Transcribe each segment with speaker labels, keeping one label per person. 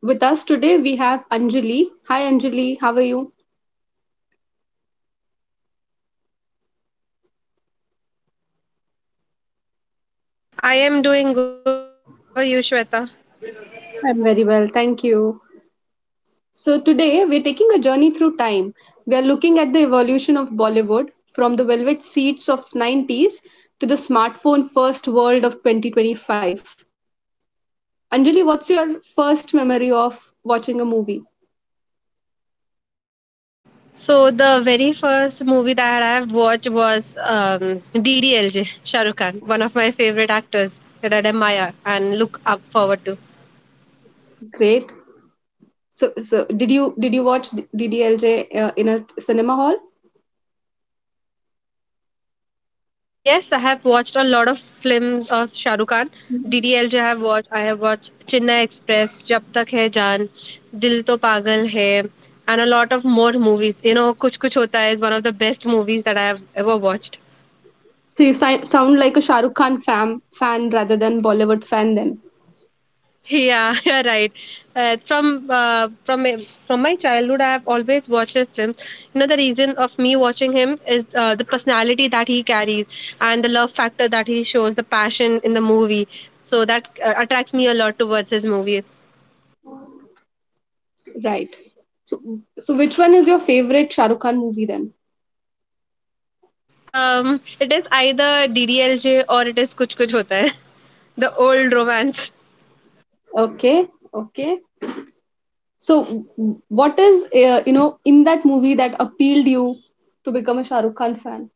Speaker 1: With us today we have Anjali. Hi Anjali, how are you?
Speaker 2: I am doing good. How are you, Shweta?
Speaker 1: I'm very well, thank you. So today we're taking a journey through time. We are looking at the evolution of Bollywood from the velvet seats of 90s to the smartphone first world of 2025. Anjali, what's your first memory of watching a movie?
Speaker 2: So the very first movie that I have watched was DDLJ, Shah Rukh Khan, one of my favorite actors that I admire and look up forward to.
Speaker 1: Great. So, did you watch DDLJ in a cinema hall?
Speaker 2: Yes, I have watched a lot of films of Shah Rukh Khan. DDLJ I have watched. I have watched Chennai Express, Jab Tak Hai Jaan, Dil To Pagal Hai, and a lot of more movies. You know, Kuch Kuch Hota Hai is one of the best movies that I have ever watched.
Speaker 1: So you sound like a Shah Rukh Khan fan rather than Bollywood fan then.
Speaker 2: Yeah, you're right. From my childhood, I've always watched his films. You know, the reason of me watching him is the personality that he carries and the love factor that he shows, the passion in the movie. So that attracts me a lot towards his movie.
Speaker 1: Right. So, so, which one is your favorite Shah Rukh Khan movie then?
Speaker 2: It is either DDLJ or it is Kuch Kuch Hota Hai, the old romance.
Speaker 1: Okay. Okay. So what is, you know, in that movie that appealed you to become a Shah Rukh Khan fan?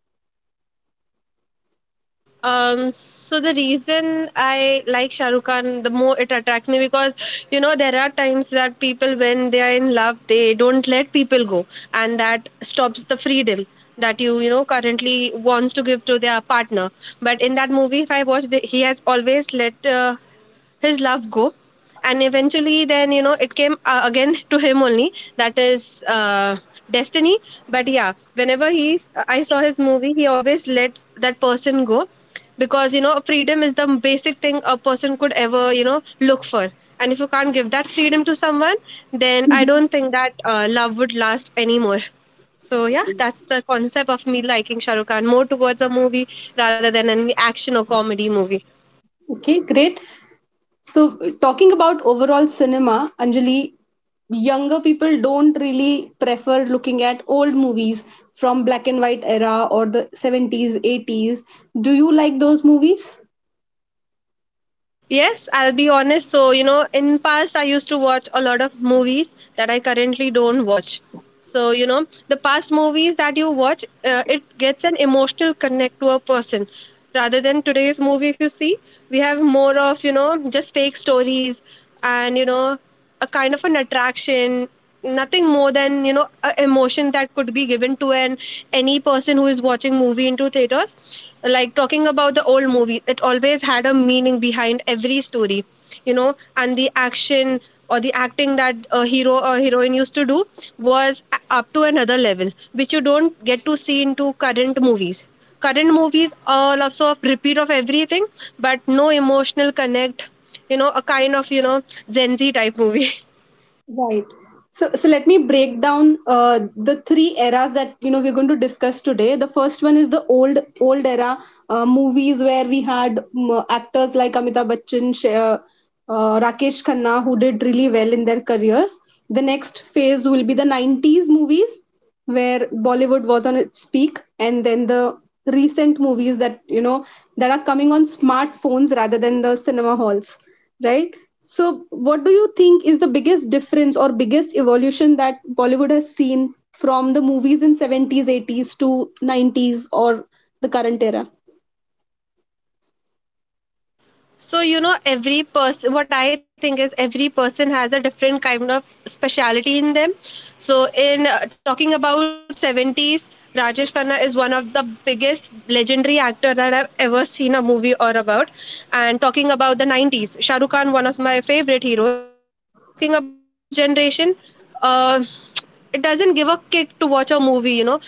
Speaker 2: So the reason I like Shah Rukh Khan, the more it attracts me because you know there are times that people when they are in love they don't let people go, and that stops the freedom that you know currently wants to give to their partner. But in that movie, if I watch, they, he has always let his love go, and eventually then you know it came again to him only, that is destiny. But yeah, whenever he, I saw his movie, he always lets that person go because you know freedom is the basic thing a person could ever you know look for, and if you can't give that freedom to someone then I don't think that love would last anymore. So yeah, that's the concept of me liking shahrukh khan more towards a movie rather than an action or comedy movie.
Speaker 1: Okay, great. So talking about overall cinema, Anjali, younger people don't really prefer looking at old movies from black and white era or the 70s, 80s. Do you like those movies?
Speaker 2: Yes, I'll be honest. So, you know, in past I used to watch a lot of movies that I currently don't watch. So, you know, the past movies that you watch, it gets an emotional connect to a person. Rather than today's movie, if you see, we have more of, you know, just fake stories and, you know, a kind of an attraction, nothing more than you know a emotion that could be given to an any person who is watching movie into theaters. Like, talking about the old movie, it always had a meaning behind every story, you know, and the action or the acting that a hero or heroine used to do was up to another level, which you don't get to see into current movies. Current movies are also a repeat of everything but no emotional connect, you know, a kind of you know Gen Z type movie.
Speaker 1: Right. So, let me break down the three eras that you know we're going to discuss today. The first one is the old era movies where we had actors like Amitabh Bachchan, Rakesh Khanna, who did really well in their careers. The next phase will be the 90s movies, where Bollywood was on its peak, and then the recent movies that you know that are coming on smartphones rather than the cinema halls, right? So, what do you think is the biggest difference or biggest evolution that Bollywood has seen from the movies in 70s, 80s to 90s or the current era?
Speaker 2: So you know, every person, what I think is every person has a different kind of speciality in them. So in talking about 70s, Rajesh Khanna is one of the biggest legendary actor that I've ever seen a movie or about. And talking about the 90s, shahrukh khan, one of my favorite heroes. And talking about today's generation, uh, it doesn't give a kick to watch a movie, you know.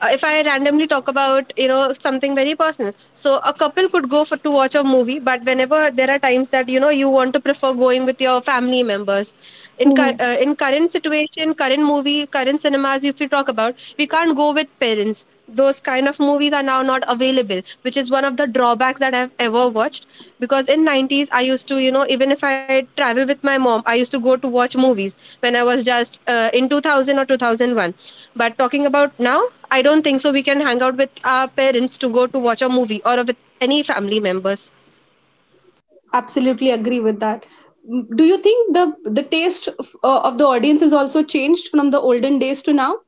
Speaker 2: If I randomly talk about, you know, something very personal, so a couple could go for to watch a movie, but whenever there are times that you know you want to prefer going with your family members, in cur-
Speaker 1: Mhm.
Speaker 2: uh, in current situation, current movie, current cinemas, if you talk about, we can't go with parents. Those kind of movies are now not available, which is one of the drawbacks that I've ever watched, because in 90s I used to, you know, even if I travel with my mom, I used to go to watch movies when I was just in 2000 or 2001. But talking about now, I don't think so we can hang out with our parents to go to watch a movie or with any family members.
Speaker 1: Absolutely agree with that. Mm, do you think the taste of the audience has also changed from the olden days to now?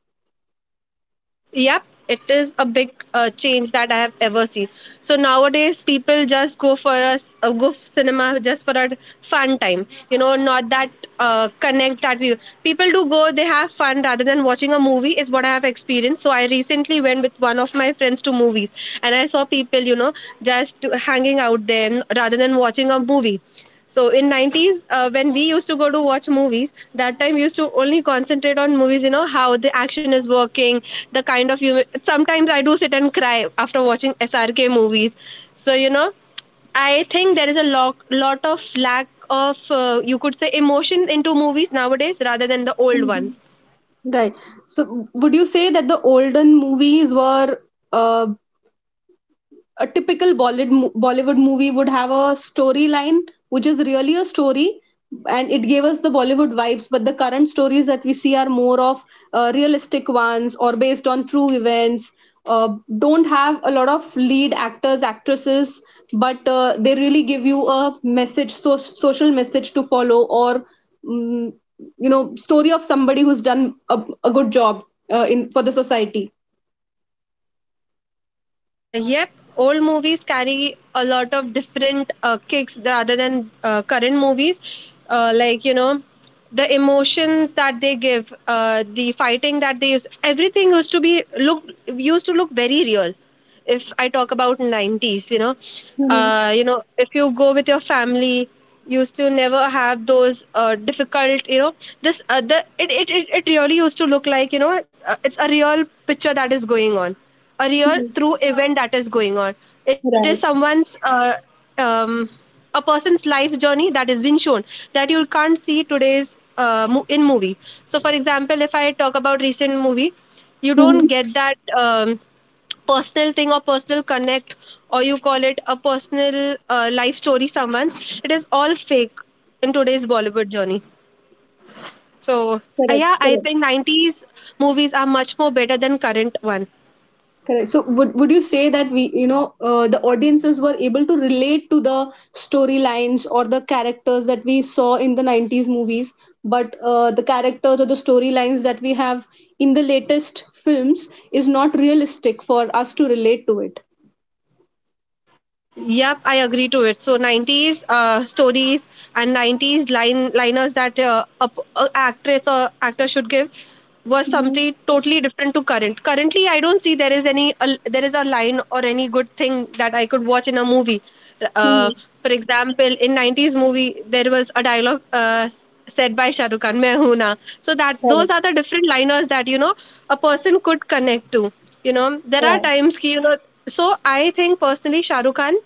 Speaker 2: Yep, it is a big change that I have ever seen. So nowadays, people just go for us go f- cinema just for a fun time. You know, not that connect that we people do go. They have fun rather than watching a movie is what I have experienced. So I recently went with one of my friends to movies, and I saw people, you know, just hanging out there rather than watching a movie. So in 90s, when we used to go to watch movies, that time we used to only concentrate on movies, you know, how the action is working, the kind of human. Sometimes I do sit and cry after watching SRK movies. So, you know, I think there is a lot of lack of, you could say, emotion into movies nowadays rather than the old ones.
Speaker 1: Right. So, would you say that the olden movies were uh, a typical Bollywood movie would have a storyline which is really a story, and it gave us the Bollywood vibes. But the current stories that we see are more of realistic ones or based on true events. Uh, don't have a lot of lead actors, actresses, but they really give you a message, social message to follow, or mm, you know, story of somebody who's done a good job in for the society.
Speaker 2: Yep, old movies carry a lot of different kicks rather than current movies. Like, you know, the emotions that they give, the fighting that they use, everything used to be look used to look very real. If I talk about 90s,
Speaker 1: Mhm.
Speaker 2: you know, if you go with your family, used to never have those difficult, you know, this the it really used to look like, you know, it's a real picture that is going on, a real
Speaker 1: Mhm.
Speaker 2: true event that is going on. It is
Speaker 1: Right.
Speaker 2: someone's um a person's life journey that is being shown, that you can't see today's in movie. So for example, if I talk about recent movie, you
Speaker 1: Mhm.
Speaker 2: don't get that um, personal thing or personal connect, or you call it a personal life story someone's. It is all fake in today's Bollywood journey. So
Speaker 1: Correct.
Speaker 2: yeah, I
Speaker 1: Correct.
Speaker 2: think 90s movies are much more better than current one.
Speaker 1: Correct. So would you say that we, you know, the audiences were able to relate to the storylines or the characters that we saw in the 90s movies, but the characters or the storylines that we have in the latest films is not realistic for us to relate to it.
Speaker 2: Yep, I agree to it. So 90s stories and 90s line liners that a actress or actor should give was
Speaker 1: Mm-hmm.
Speaker 2: something totally different to current. Currently, I don't see there is any there is a line or any good thing that I could watch in a movie.
Speaker 1: Hmm.
Speaker 2: Uh, for example, in 90s movie there was a dialogue said by Shah Rukh Khan, "Main hoon na." So that those
Speaker 1: Correct.
Speaker 2: are the different liners that, you know, a person could connect to. You know, there are
Speaker 1: Right.
Speaker 2: times ki, you know, so I think personally shahrukh khan,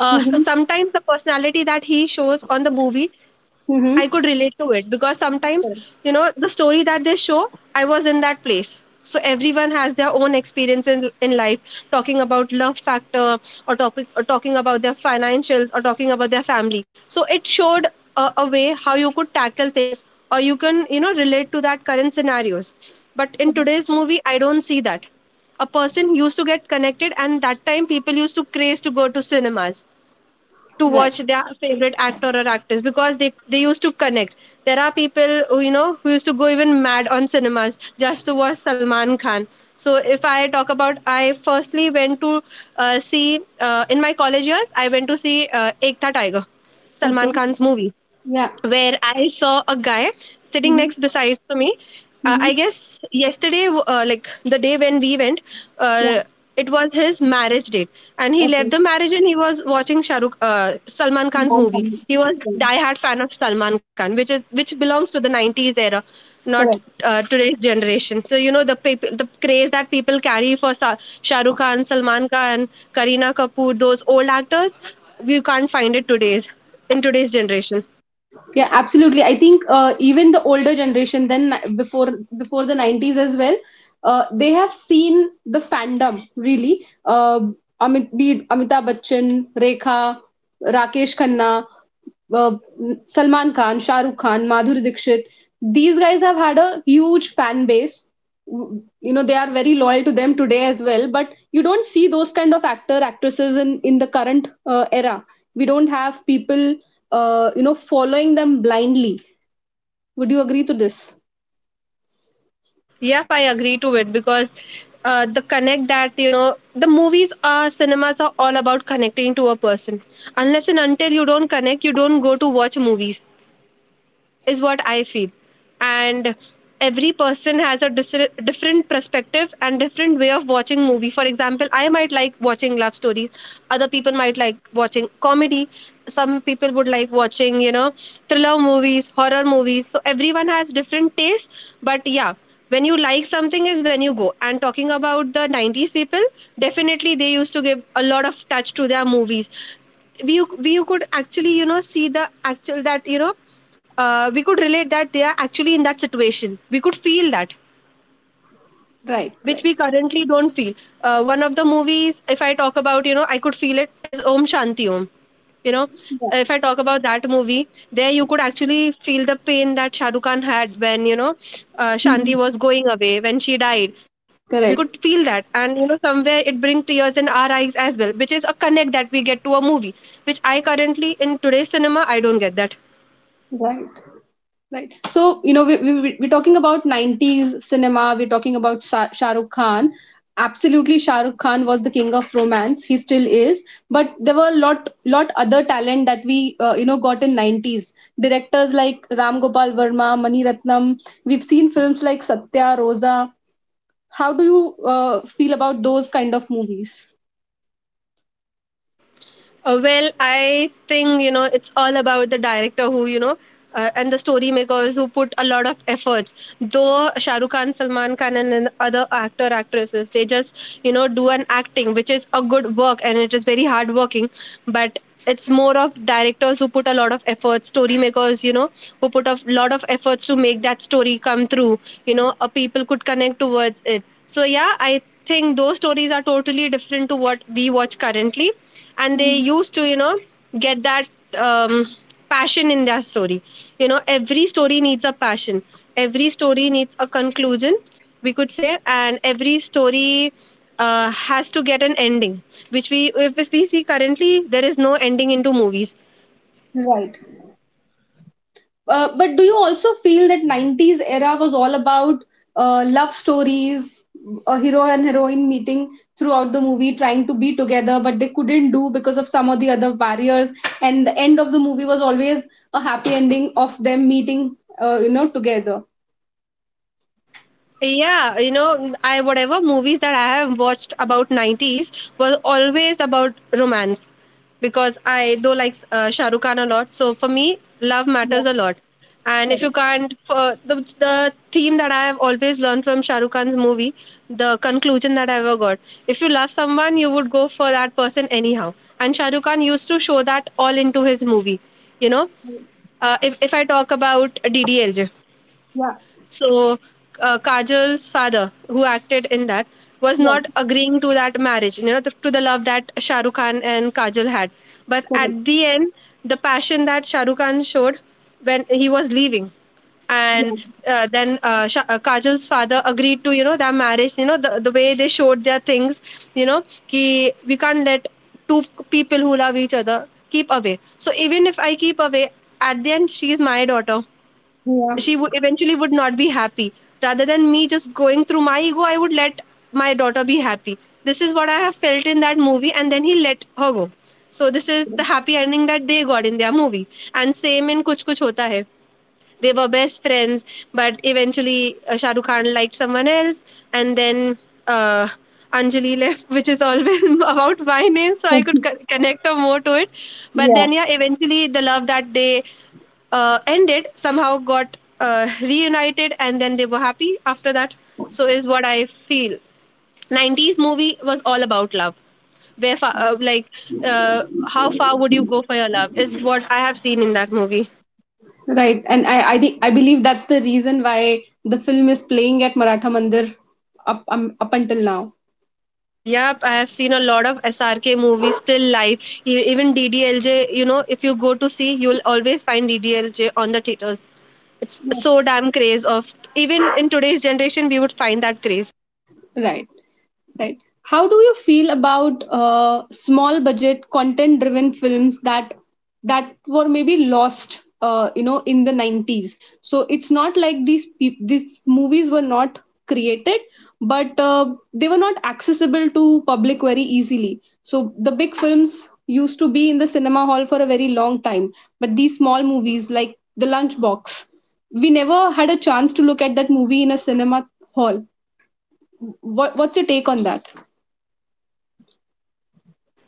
Speaker 2: uh,
Speaker 1: Mm-hmm.
Speaker 2: sometimes the personality that he shows on the movie, I could
Speaker 1: Mm-hmm.
Speaker 2: relate to it because sometimes,
Speaker 1: Correct.
Speaker 2: you know, the story that they show, I was in that place. So everyone has their own experience in life, talking about love factor or topic or talking about their financials or talking about their family. So it showed a way how you could tackle things or you can, you know, relate to that current scenarios. But in
Speaker 1: Correct.
Speaker 2: today's movie, I don't see that. A person used to get connected, and that time people used to craze to go to cinemas to
Speaker 1: Right.
Speaker 2: watch their favorite actor or actress because they used to connect. There are people who, you know, who used to go even mad on cinemas just to watch Salman Khan. So if I talk about, I firstly went to see in my college years. I went to see Ek Tha Tiger,
Speaker 1: Okay.
Speaker 2: Salman Khan's movie,
Speaker 1: Yeah.
Speaker 2: where I saw a guy sitting
Speaker 1: Mm-hmm.
Speaker 2: next besides to me. I
Speaker 1: Mm-hmm.
Speaker 2: guess yesterday, like the day when we went,
Speaker 1: Yeah.
Speaker 2: uh, it was his marriage date, and he left
Speaker 1: Okay.
Speaker 2: the marriage and he was watching Salman
Speaker 1: I'm
Speaker 2: Khan's movie.
Speaker 1: done.
Speaker 2: He was
Speaker 1: Right.
Speaker 2: diehard fan of Salman Khan, which is which belongs to the '90s era, not
Speaker 1: Correct.
Speaker 2: today's generation. So you know the people, the craze that people carry for Shah Rukh Khan, Salman Khan, Kareena Kapoor, those old actors, we can't find it today's in today's generation.
Speaker 1: Yeah, absolutely. I think even the older generation, then before the 90s as well, they have seen the fandom really. Amit, be it Amitabh Bachchan, Rekha, Rakesh Khanna, uh, Salman Khan, Shah Rukh Khan, Madhuri Dixit. These guys have had a huge fan base. You know, they are very loyal to them today as well. But you don't see those kind of actor actresses in the current era. We don't have people you know following them blindly. Would you agree to this?
Speaker 2: Yep, I agree to it because the connect that you know the movies are cinemas are all about connecting to a person. Unless and until you don't connect, you don't go to watch movies is what I feel. And every person has a different perspective and different way of watching movie. For example, I might like watching love stories. Other people might like watching comedy. Some people would like watching, you know, thriller movies, horror movies. So everyone has different tastes. But yeah, when you like something is when you go. And talking about the 90s people, definitely they used to give a lot of touch to their movies. We could actually, you know, see the actual that you know we could relate that they are actually in that situation. We could feel that,
Speaker 1: Right,
Speaker 2: which
Speaker 1: right.
Speaker 2: we currently don't feel. One of the movies, if I talk about, you know, I could feel, it is Om Shanti Om. You know,
Speaker 1: Yeah.
Speaker 2: if I talk about that movie, there you could actually feel the pain that Shah Rukh Khan had when, Shanti
Speaker 1: Mhm.
Speaker 2: was going away, when she died. We could feel
Speaker 1: Correct.
Speaker 2: that. And, you know, somewhere it brings tears in our eyes as well, which is a connect that we get to a movie, which I currently, in today's cinema, I don't get that.
Speaker 1: Right, right. So you know are talking about 90s cinema. We're talking about Shah Rukh Khan. Absolutely, Shah Rukh Khan was the king of romance, he still is, but there were a lot other talent that we you know got in 90s, directors like Ram Gopal Verma, Mani Ratnam. We've seen films like Satya, Rosa. How do you feel about those kind of movies?
Speaker 2: Well, I think you know it's all about the director who. And the story makers who put a lot of efforts, though Shah Rukh Khan, Salman Khan and other actor actresses, they just, you know, do an acting which is a good work and it is very hard working. But it's more of directors who put a lot of efforts, story makers, you know, who put a lot of efforts to make that story come through, you know, a people could connect towards it. So yeah, I think those stories are totally different to what we watch currently, and they used to, you know, get that um, passion in their story. You know, every story needs a passion, every story needs a conclusion, we could say, and every story has to get an ending, which we, if we see currently, there is no ending into movies.
Speaker 1: Right. But do you also feel that 90s era was all about love stories, a hero and heroine meeting throughout the movie, trying to be together, but they couldn't do because of some of the other barriers. And the end of the movie was always a happy ending of them meeting, you know, together.
Speaker 2: Yeah, you know, I, whatever movies that I have watched about 90s, was always about romance, because I do like Shah Rukh Khan a lot. So for me, love
Speaker 1: Yeah,
Speaker 2: matters a lot. And if you
Speaker 1: correct.
Speaker 2: can't, the theme that I have always learned from Shah Rukh Khan's movie, the conclusion that I ever got, if you love someone, you would go for that person anyhow. And Shah Rukh Khan used to show that all into his movie. You know, if I talk about DDLJ.
Speaker 1: Yeah,
Speaker 2: So Kajal's father, who acted in that, was
Speaker 1: yeah,
Speaker 2: not agreeing to that marriage, you know, to the love that Shah Rukh Khan and Kajal had. But
Speaker 1: correct.
Speaker 2: at the end, the passion that Shah Rukh Khan showed when he was leaving, and
Speaker 1: Yeah,
Speaker 2: then Kajal's father agreed to, you know, their marriage. You know, the way they showed their things, you know, ki we can't let two people who love each other keep away. So even if I keep away, at the end, she is my daughter,
Speaker 1: yeah,
Speaker 2: she would eventually would not be happy. Rather than me just going through my ego, I would let my daughter be happy. This is what I have felt in that movie, and then he let her go. So this is the happy ending that they got in their movie. And same in Kuch Kuch Hota Hai, they were best friends, but eventually Shah Rukh Khan liked someone else, and then uh, Anjali left, which is always about my name, so I could connect her more to it. But
Speaker 1: yeah.
Speaker 2: then yeah, eventually the love that they ended, somehow got reunited, and then they were happy after that. So is what I feel. 90s movie was all about love. Where far, like how far would you go for your love is what I have seen in that movie.
Speaker 1: Right. And I think I believe that's the reason why the film is playing at Maratha Mandir up up until now.
Speaker 2: Yep, I have seen a lot of SRK movies still live. Even DDLJ, you know, if you go to see, you'll always find DDLJ on the theaters. It's so damn craze of, even in today's generation, we would find that craze.
Speaker 1: Right, right. How do you feel about small budget content driven films that were maybe lost you know in the 90s? So it's not like these movies were not created, but they were not accessible to public very easily, so the big films used to be in the cinema hall for a very long time. But these small movies like the Lunchbox, we never had a chance to look at that movie in a cinema hall. What, what's your take on that?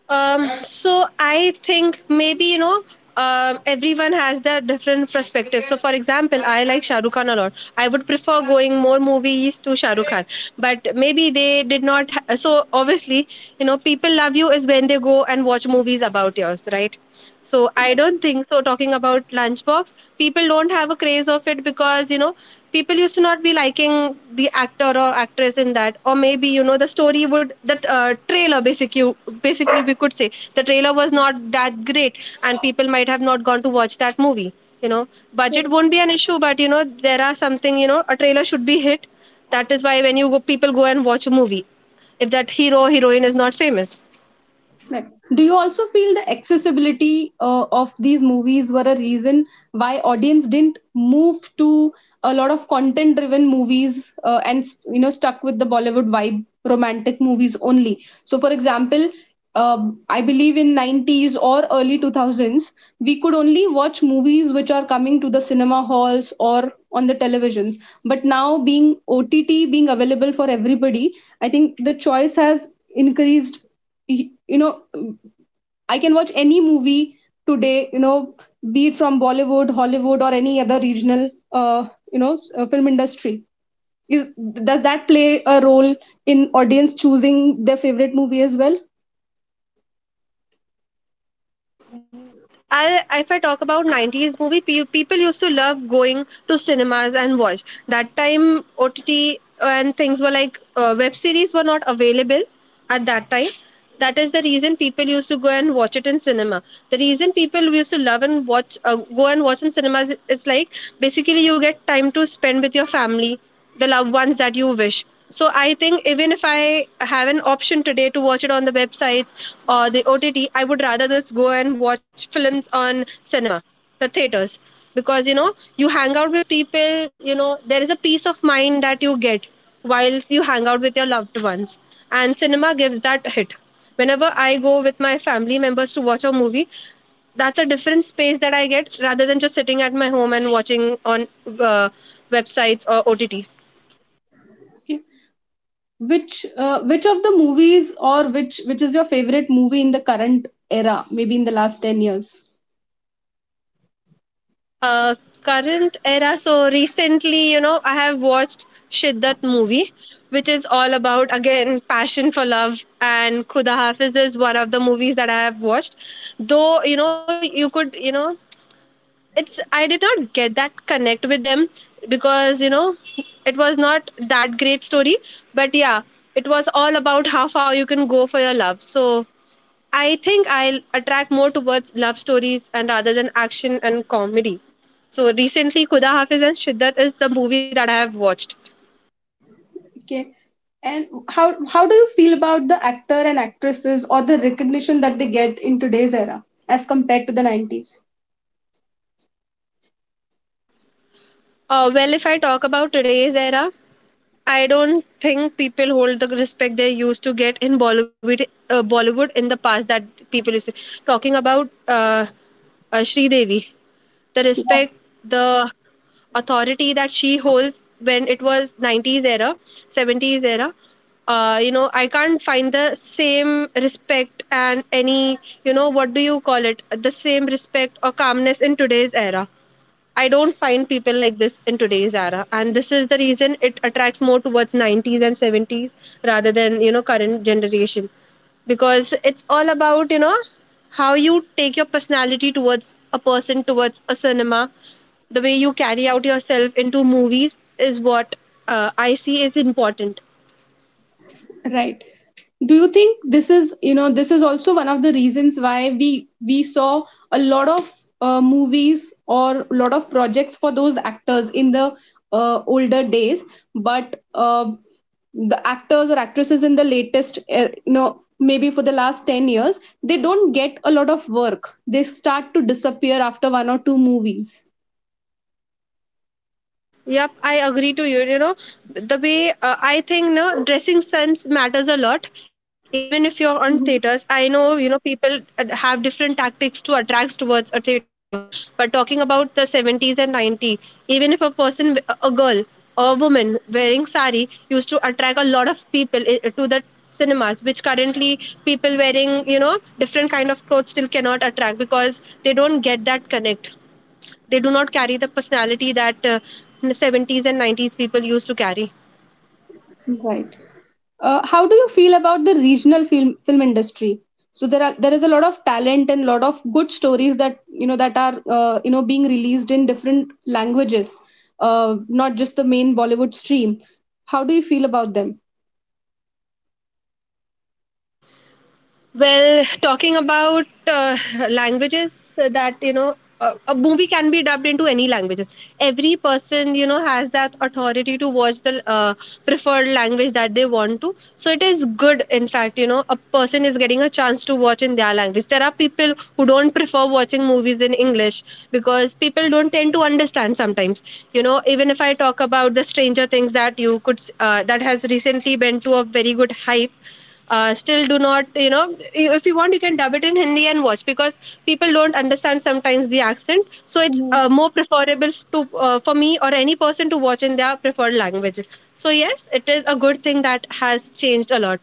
Speaker 2: So I think maybe, you know, everyone has their different perspectives. So for example, I like Shah Rukh Khan a lot. I would prefer going more movies to Shah Rukh Khan, but maybe they did not. Ha- so obviously, you know, people love you is when they go and watch movies about yours, right? So I don't think so. Talking about Lunchbox, people don't have a craze of it because, you know, people used to not be liking the actor or actress in that, or maybe, you know, the story would that trailer, basically, basically we could say the trailer was not that great, and people might have not gone to watch that movie, you know. Budget won't be an issue, but you know, there are something, you know, a trailer should be hit, that is why when you go, people go and watch a movie if that hero or heroine is not famous.
Speaker 1: Correct. Do you also feel the accessibility of these movies were a reason why audience didn't move to a lot of content-driven movies and you know stuck with the Bollywood vibe, romantic movies only? So, for example, I believe in 90s or early 2000s, we could only watch movies which are coming to the cinema halls or on the televisions. But now, being OTT being available for everybody, I think the choice has increased. You know, I can watch any movie today, you know, be it from Bollywood, Hollywood, or any other regional, you know, film industry. Is, does that play a role in audience choosing their favorite movie as well?
Speaker 2: Um, I, if I talk about 90s movie, people used to love going to cinemas and watch. That time OTT and things were like, web series were not available at that time. That is the reason people used to go and watch it in cinema. The reason people used to love and watch, go and watch in cinemas is like, basically you get time to spend with your family, the loved ones that you wish. So I think even if I have an option today to watch it on the websites or the OTT, I would rather just go and watch films on cinema, the theaters, because, you know, you hang out with people, you know there is a peace of mind that you get while you hang out with your loved ones, and cinema gives that hit. Whenever I go with my family members to watch a movie, that's a different space that I get rather than just sitting at my home and watching on uh, websites or OTT.
Speaker 1: Okay. Which which of the movies or which is your favorite movie in the current era? Maybe in the last 10 years.
Speaker 2: Uh, Current era, so recently, you know, I have watched Shiddat movie, which is all about again passion for love, and Khuda Hafiz is one of the movies that I have watched. Though you know, you could you know, it's I did not get that connect with them, because, you know, it was not that great story. But yeah, it was all about how far you can go for your love. So I think I'll attract more towards love stories and rather than action and comedy. So recently Khuda Hafiz and Shiddat is the movie that I have watched.
Speaker 1: Okay. And how how do you feel about the actor and actresses or the recognition that they get in today's era as compared to the 90s?
Speaker 2: Well, if I talk about today's era, I don't think people hold the respect they used to get in Bollywood, Bollywood in the past. That people is talking about Sri Devi, the respect, the authority that she holds when it was 90s era, 70s era. You know, I can't find the same respect and any, you know, what do you call it? The same respect or calmness in today's era. I don't find people like this in today's era, and this is the reason it attracts more towards 90s and 70s rather than, you know, current generation, because it's all about, you know, how you take your personality towards a person, towards a cinema, the way you carry out yourself into movies is what I see is important.
Speaker 1: Right. Do you think this is, you know, this is also one of the reasons why we saw a lot of movies or a lot of projects for those actors in the older days, but the actors or actresses in the latest, you know, maybe for the last 10 years, they don't get a lot of work. They start to disappear after one or two movies.
Speaker 2: Yep, I agree to you. You know, the way I think, no, dressing sense matters a lot. Even if you're on
Speaker 1: Mhm.
Speaker 2: theaters, I know, you know, people have different tactics to attract towards a theater. But talking about the 70s and 90s, even if a person, a girl or woman wearing sari used to attract a lot of people to the cinemas, which currently people wearing, you know, different kind of clothes still cannot attract, because they don't get that connect. They do not carry the personality that 70s and 90s people used to carry.
Speaker 1: Right. How do you feel about the regional film industry? So there are there is a lot of talent and lot of good stories that you know that are you know being released in different languages, not just the main Bollywood stream. How do you feel about them?
Speaker 2: Well, talking about languages that you know, a movie can be dubbed into any languages. Every person, you know, has that authority to watch the preferred language that they want to. So it is good, in fact, you know, a person is getting a chance to watch in their language. There are people who don't prefer watching movies in English, because people don't tend to understand sometimes. You know, even if I talk about the Stranger Things that you could that has recently been to a very good hype, still do not, you know, if you want you can dub it in Hindi and watch, because people don't understand sometimes the accent. So it's more preferable to for me or any person to watch in their preferred language. So yes, it is a good thing that has changed a lot.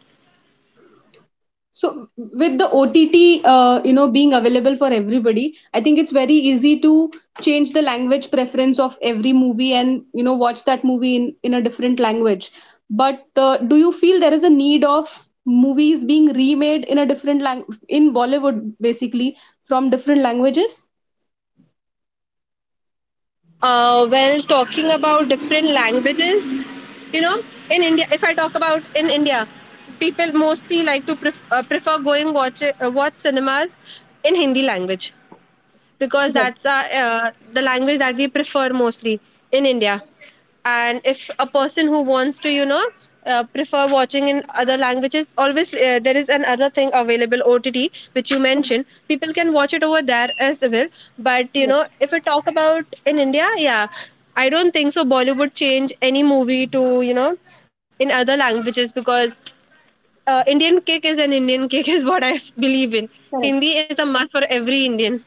Speaker 1: So with the OTT, you know, being available for everybody, I think it's very easy to change the language preference of every movie and you know watch that movie in a different language. But do you feel there is a need of movies being remade in a different language in Bollywood, basically from different languages?
Speaker 2: Well, talking about different languages, you know, in India, if I talk about in India, people mostly like to prefer going watch, watch cinemas in Hindi language, because that's our, the language that we prefer mostly in India. And if a person who wants to, you know, prefer watching in other languages, always there is another thing available, OTT, which you mentioned. People can watch it over there as well. But you know, if we talk about in India, yeah, I don't think so. Bollywood change any movie to in other languages because Indian kick is an Indian kick is what I believe in. Hindi is a must for every Indian.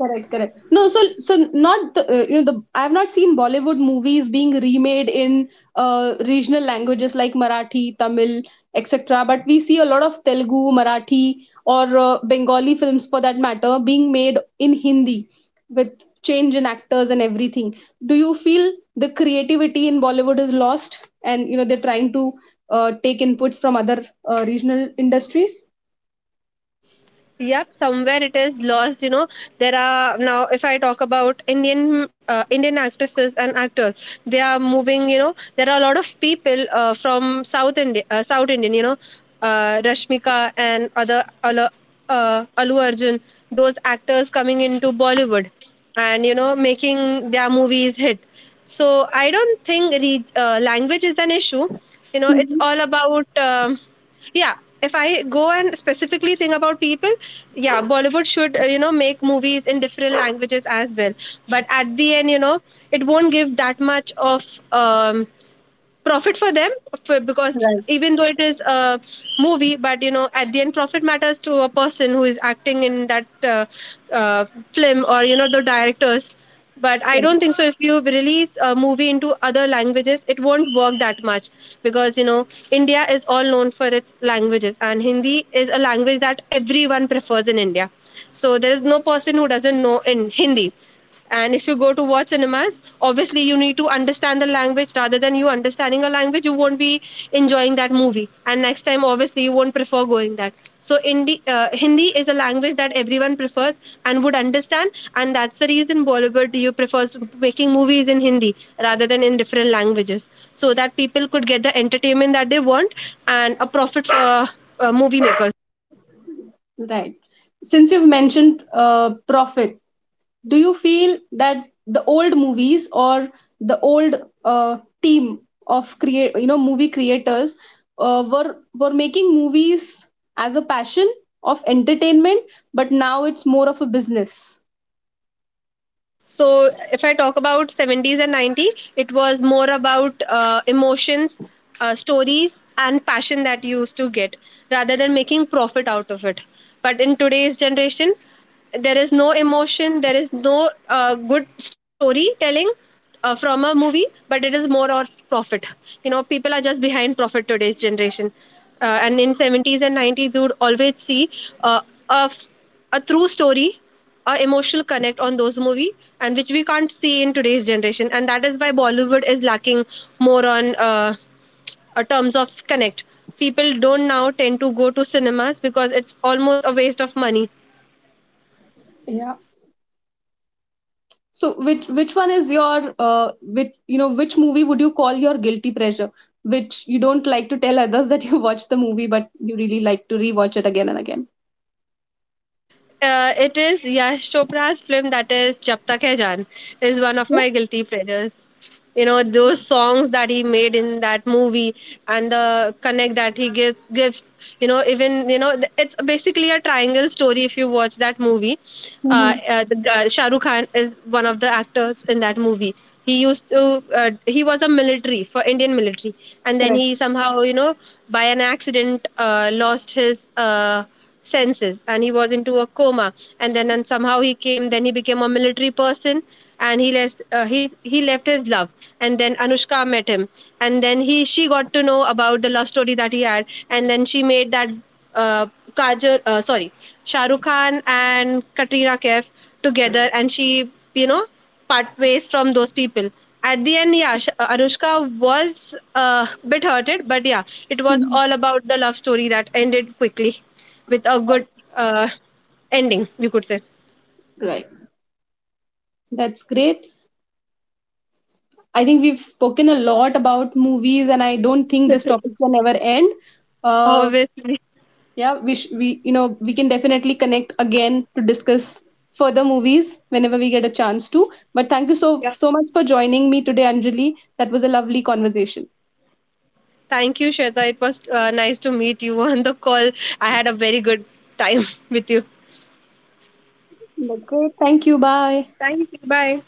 Speaker 1: Correct, correct. No, so so not the, you know the, I have not seen Bollywood movies being remade in regional languages like Marathi, Tamil, etc. But we see a lot of Telugu, Marathi, or Bengali films for that matter being made in Hindi with change in actors and everything. Do you feel the creativity in Bollywood is lost, and you know they're trying to take inputs from other regional industries?
Speaker 2: Yep, somewhere it is lost. You know, there are now. If I talk about Indian actresses and actors, they are moving. You know, there are a lot of people from South India, South Indian. You know, Rashmika and other Alu Arjun, those actors coming into Bollywood, and you know, making their movies hit. So I don't think language is an issue. You know, it's
Speaker 1: Mhm.
Speaker 2: all about yeah. If I go and specifically think about people, yeah, Bollywood should you know make movies in different languages as well. But at the end, you know, it won't give that much of um, profit for them because
Speaker 1: Right,
Speaker 2: even though it is a movie but you know at the end profit matters to a person who is acting in that uh, film or you know the directors but I don't think so if you release a movie into other languages it won't work that much because you know India is all known for its languages and Hindi is a language that everyone prefers in India, so there is no person who doesn't know in Hindi. And if you go to watch cinemas, obviously you need to understand the language. Rather than you understanding a language, you won't be enjoying that movie. And next time, obviously, you won't prefer going that. So Hindi is a language that everyone prefers and would understand, and that's the reason Bollywood you prefers making movies in Hindi rather than in different languages, so that people could get the entertainment that they want and a profit for movie makers.
Speaker 1: right. Since you've mentioned profit, do you feel that the old movies or the old team of you know, movie creators were making movies as a passion of entertainment, but now it's more of a business.
Speaker 2: So if I talk about 70s and 90s, it was more about emotions, stories, and passion that you used to get rather than making profit out of it. But in today's generation, there is no emotion, there is no good storytelling from a movie, but it is more of profit. You know, people are just behind profit today's generation. And in 70s and 90s, you would always see uh, a, a true story, a emotional connect on those movie, and which we can't see in today's generation, and that is why Bollywood is lacking more on terms of connect. People don't now tend to go to cinemas because it's almost a waste of money.
Speaker 1: Yeah. So which one is your which you know which movie would you call your guilty pleasure, which you don't like to tell others that you watched the movie, but you really like to rewatch it again and again.
Speaker 2: It is Yash Chopra's film that is Jab Tak Hai Jaan is one of
Speaker 1: Yeah.
Speaker 2: my guilty pleasures. You know those songs that he made in that movie and the connect that he gives. You know, even it's basically a triangle story if you watch that movie. Uh,
Speaker 1: Hmm.
Speaker 2: uh, the, uh, Shah Rukh Khan is one of the actors in that movie. He used to he was a military for Indian military, and then he somehow you know by an accident lost his. Senses, and he was into a coma, and then and somehow he came, then he became a military person, and he left his love, and then Anushka met him, and then he she got to know about the love story that he had, and then she made that uh, Kajal, sorry, shahrukh khan and Katrina Kaif together, and she you know part ways from those people at the end. Yeah, Anushka was a bit hurted, but yeah, it was
Speaker 1: Mhm.
Speaker 2: all about the love story that ended quickly with a good uh, ending, you could say.
Speaker 1: Right. That's great. I think we've spoken a lot about movies, and I don't think this topic can ever end. Uh,
Speaker 2: Obviously.
Speaker 1: yeah, we you know we can definitely connect again to discuss further movies whenever we get a chance to. But thank you so much for joining me today, Anjali. That was a lovely conversation.
Speaker 2: Thank you, Shweta. It was nice to meet you on the call. I had a very good time with you.
Speaker 1: That's great. Thank you. Bye.
Speaker 2: Bye.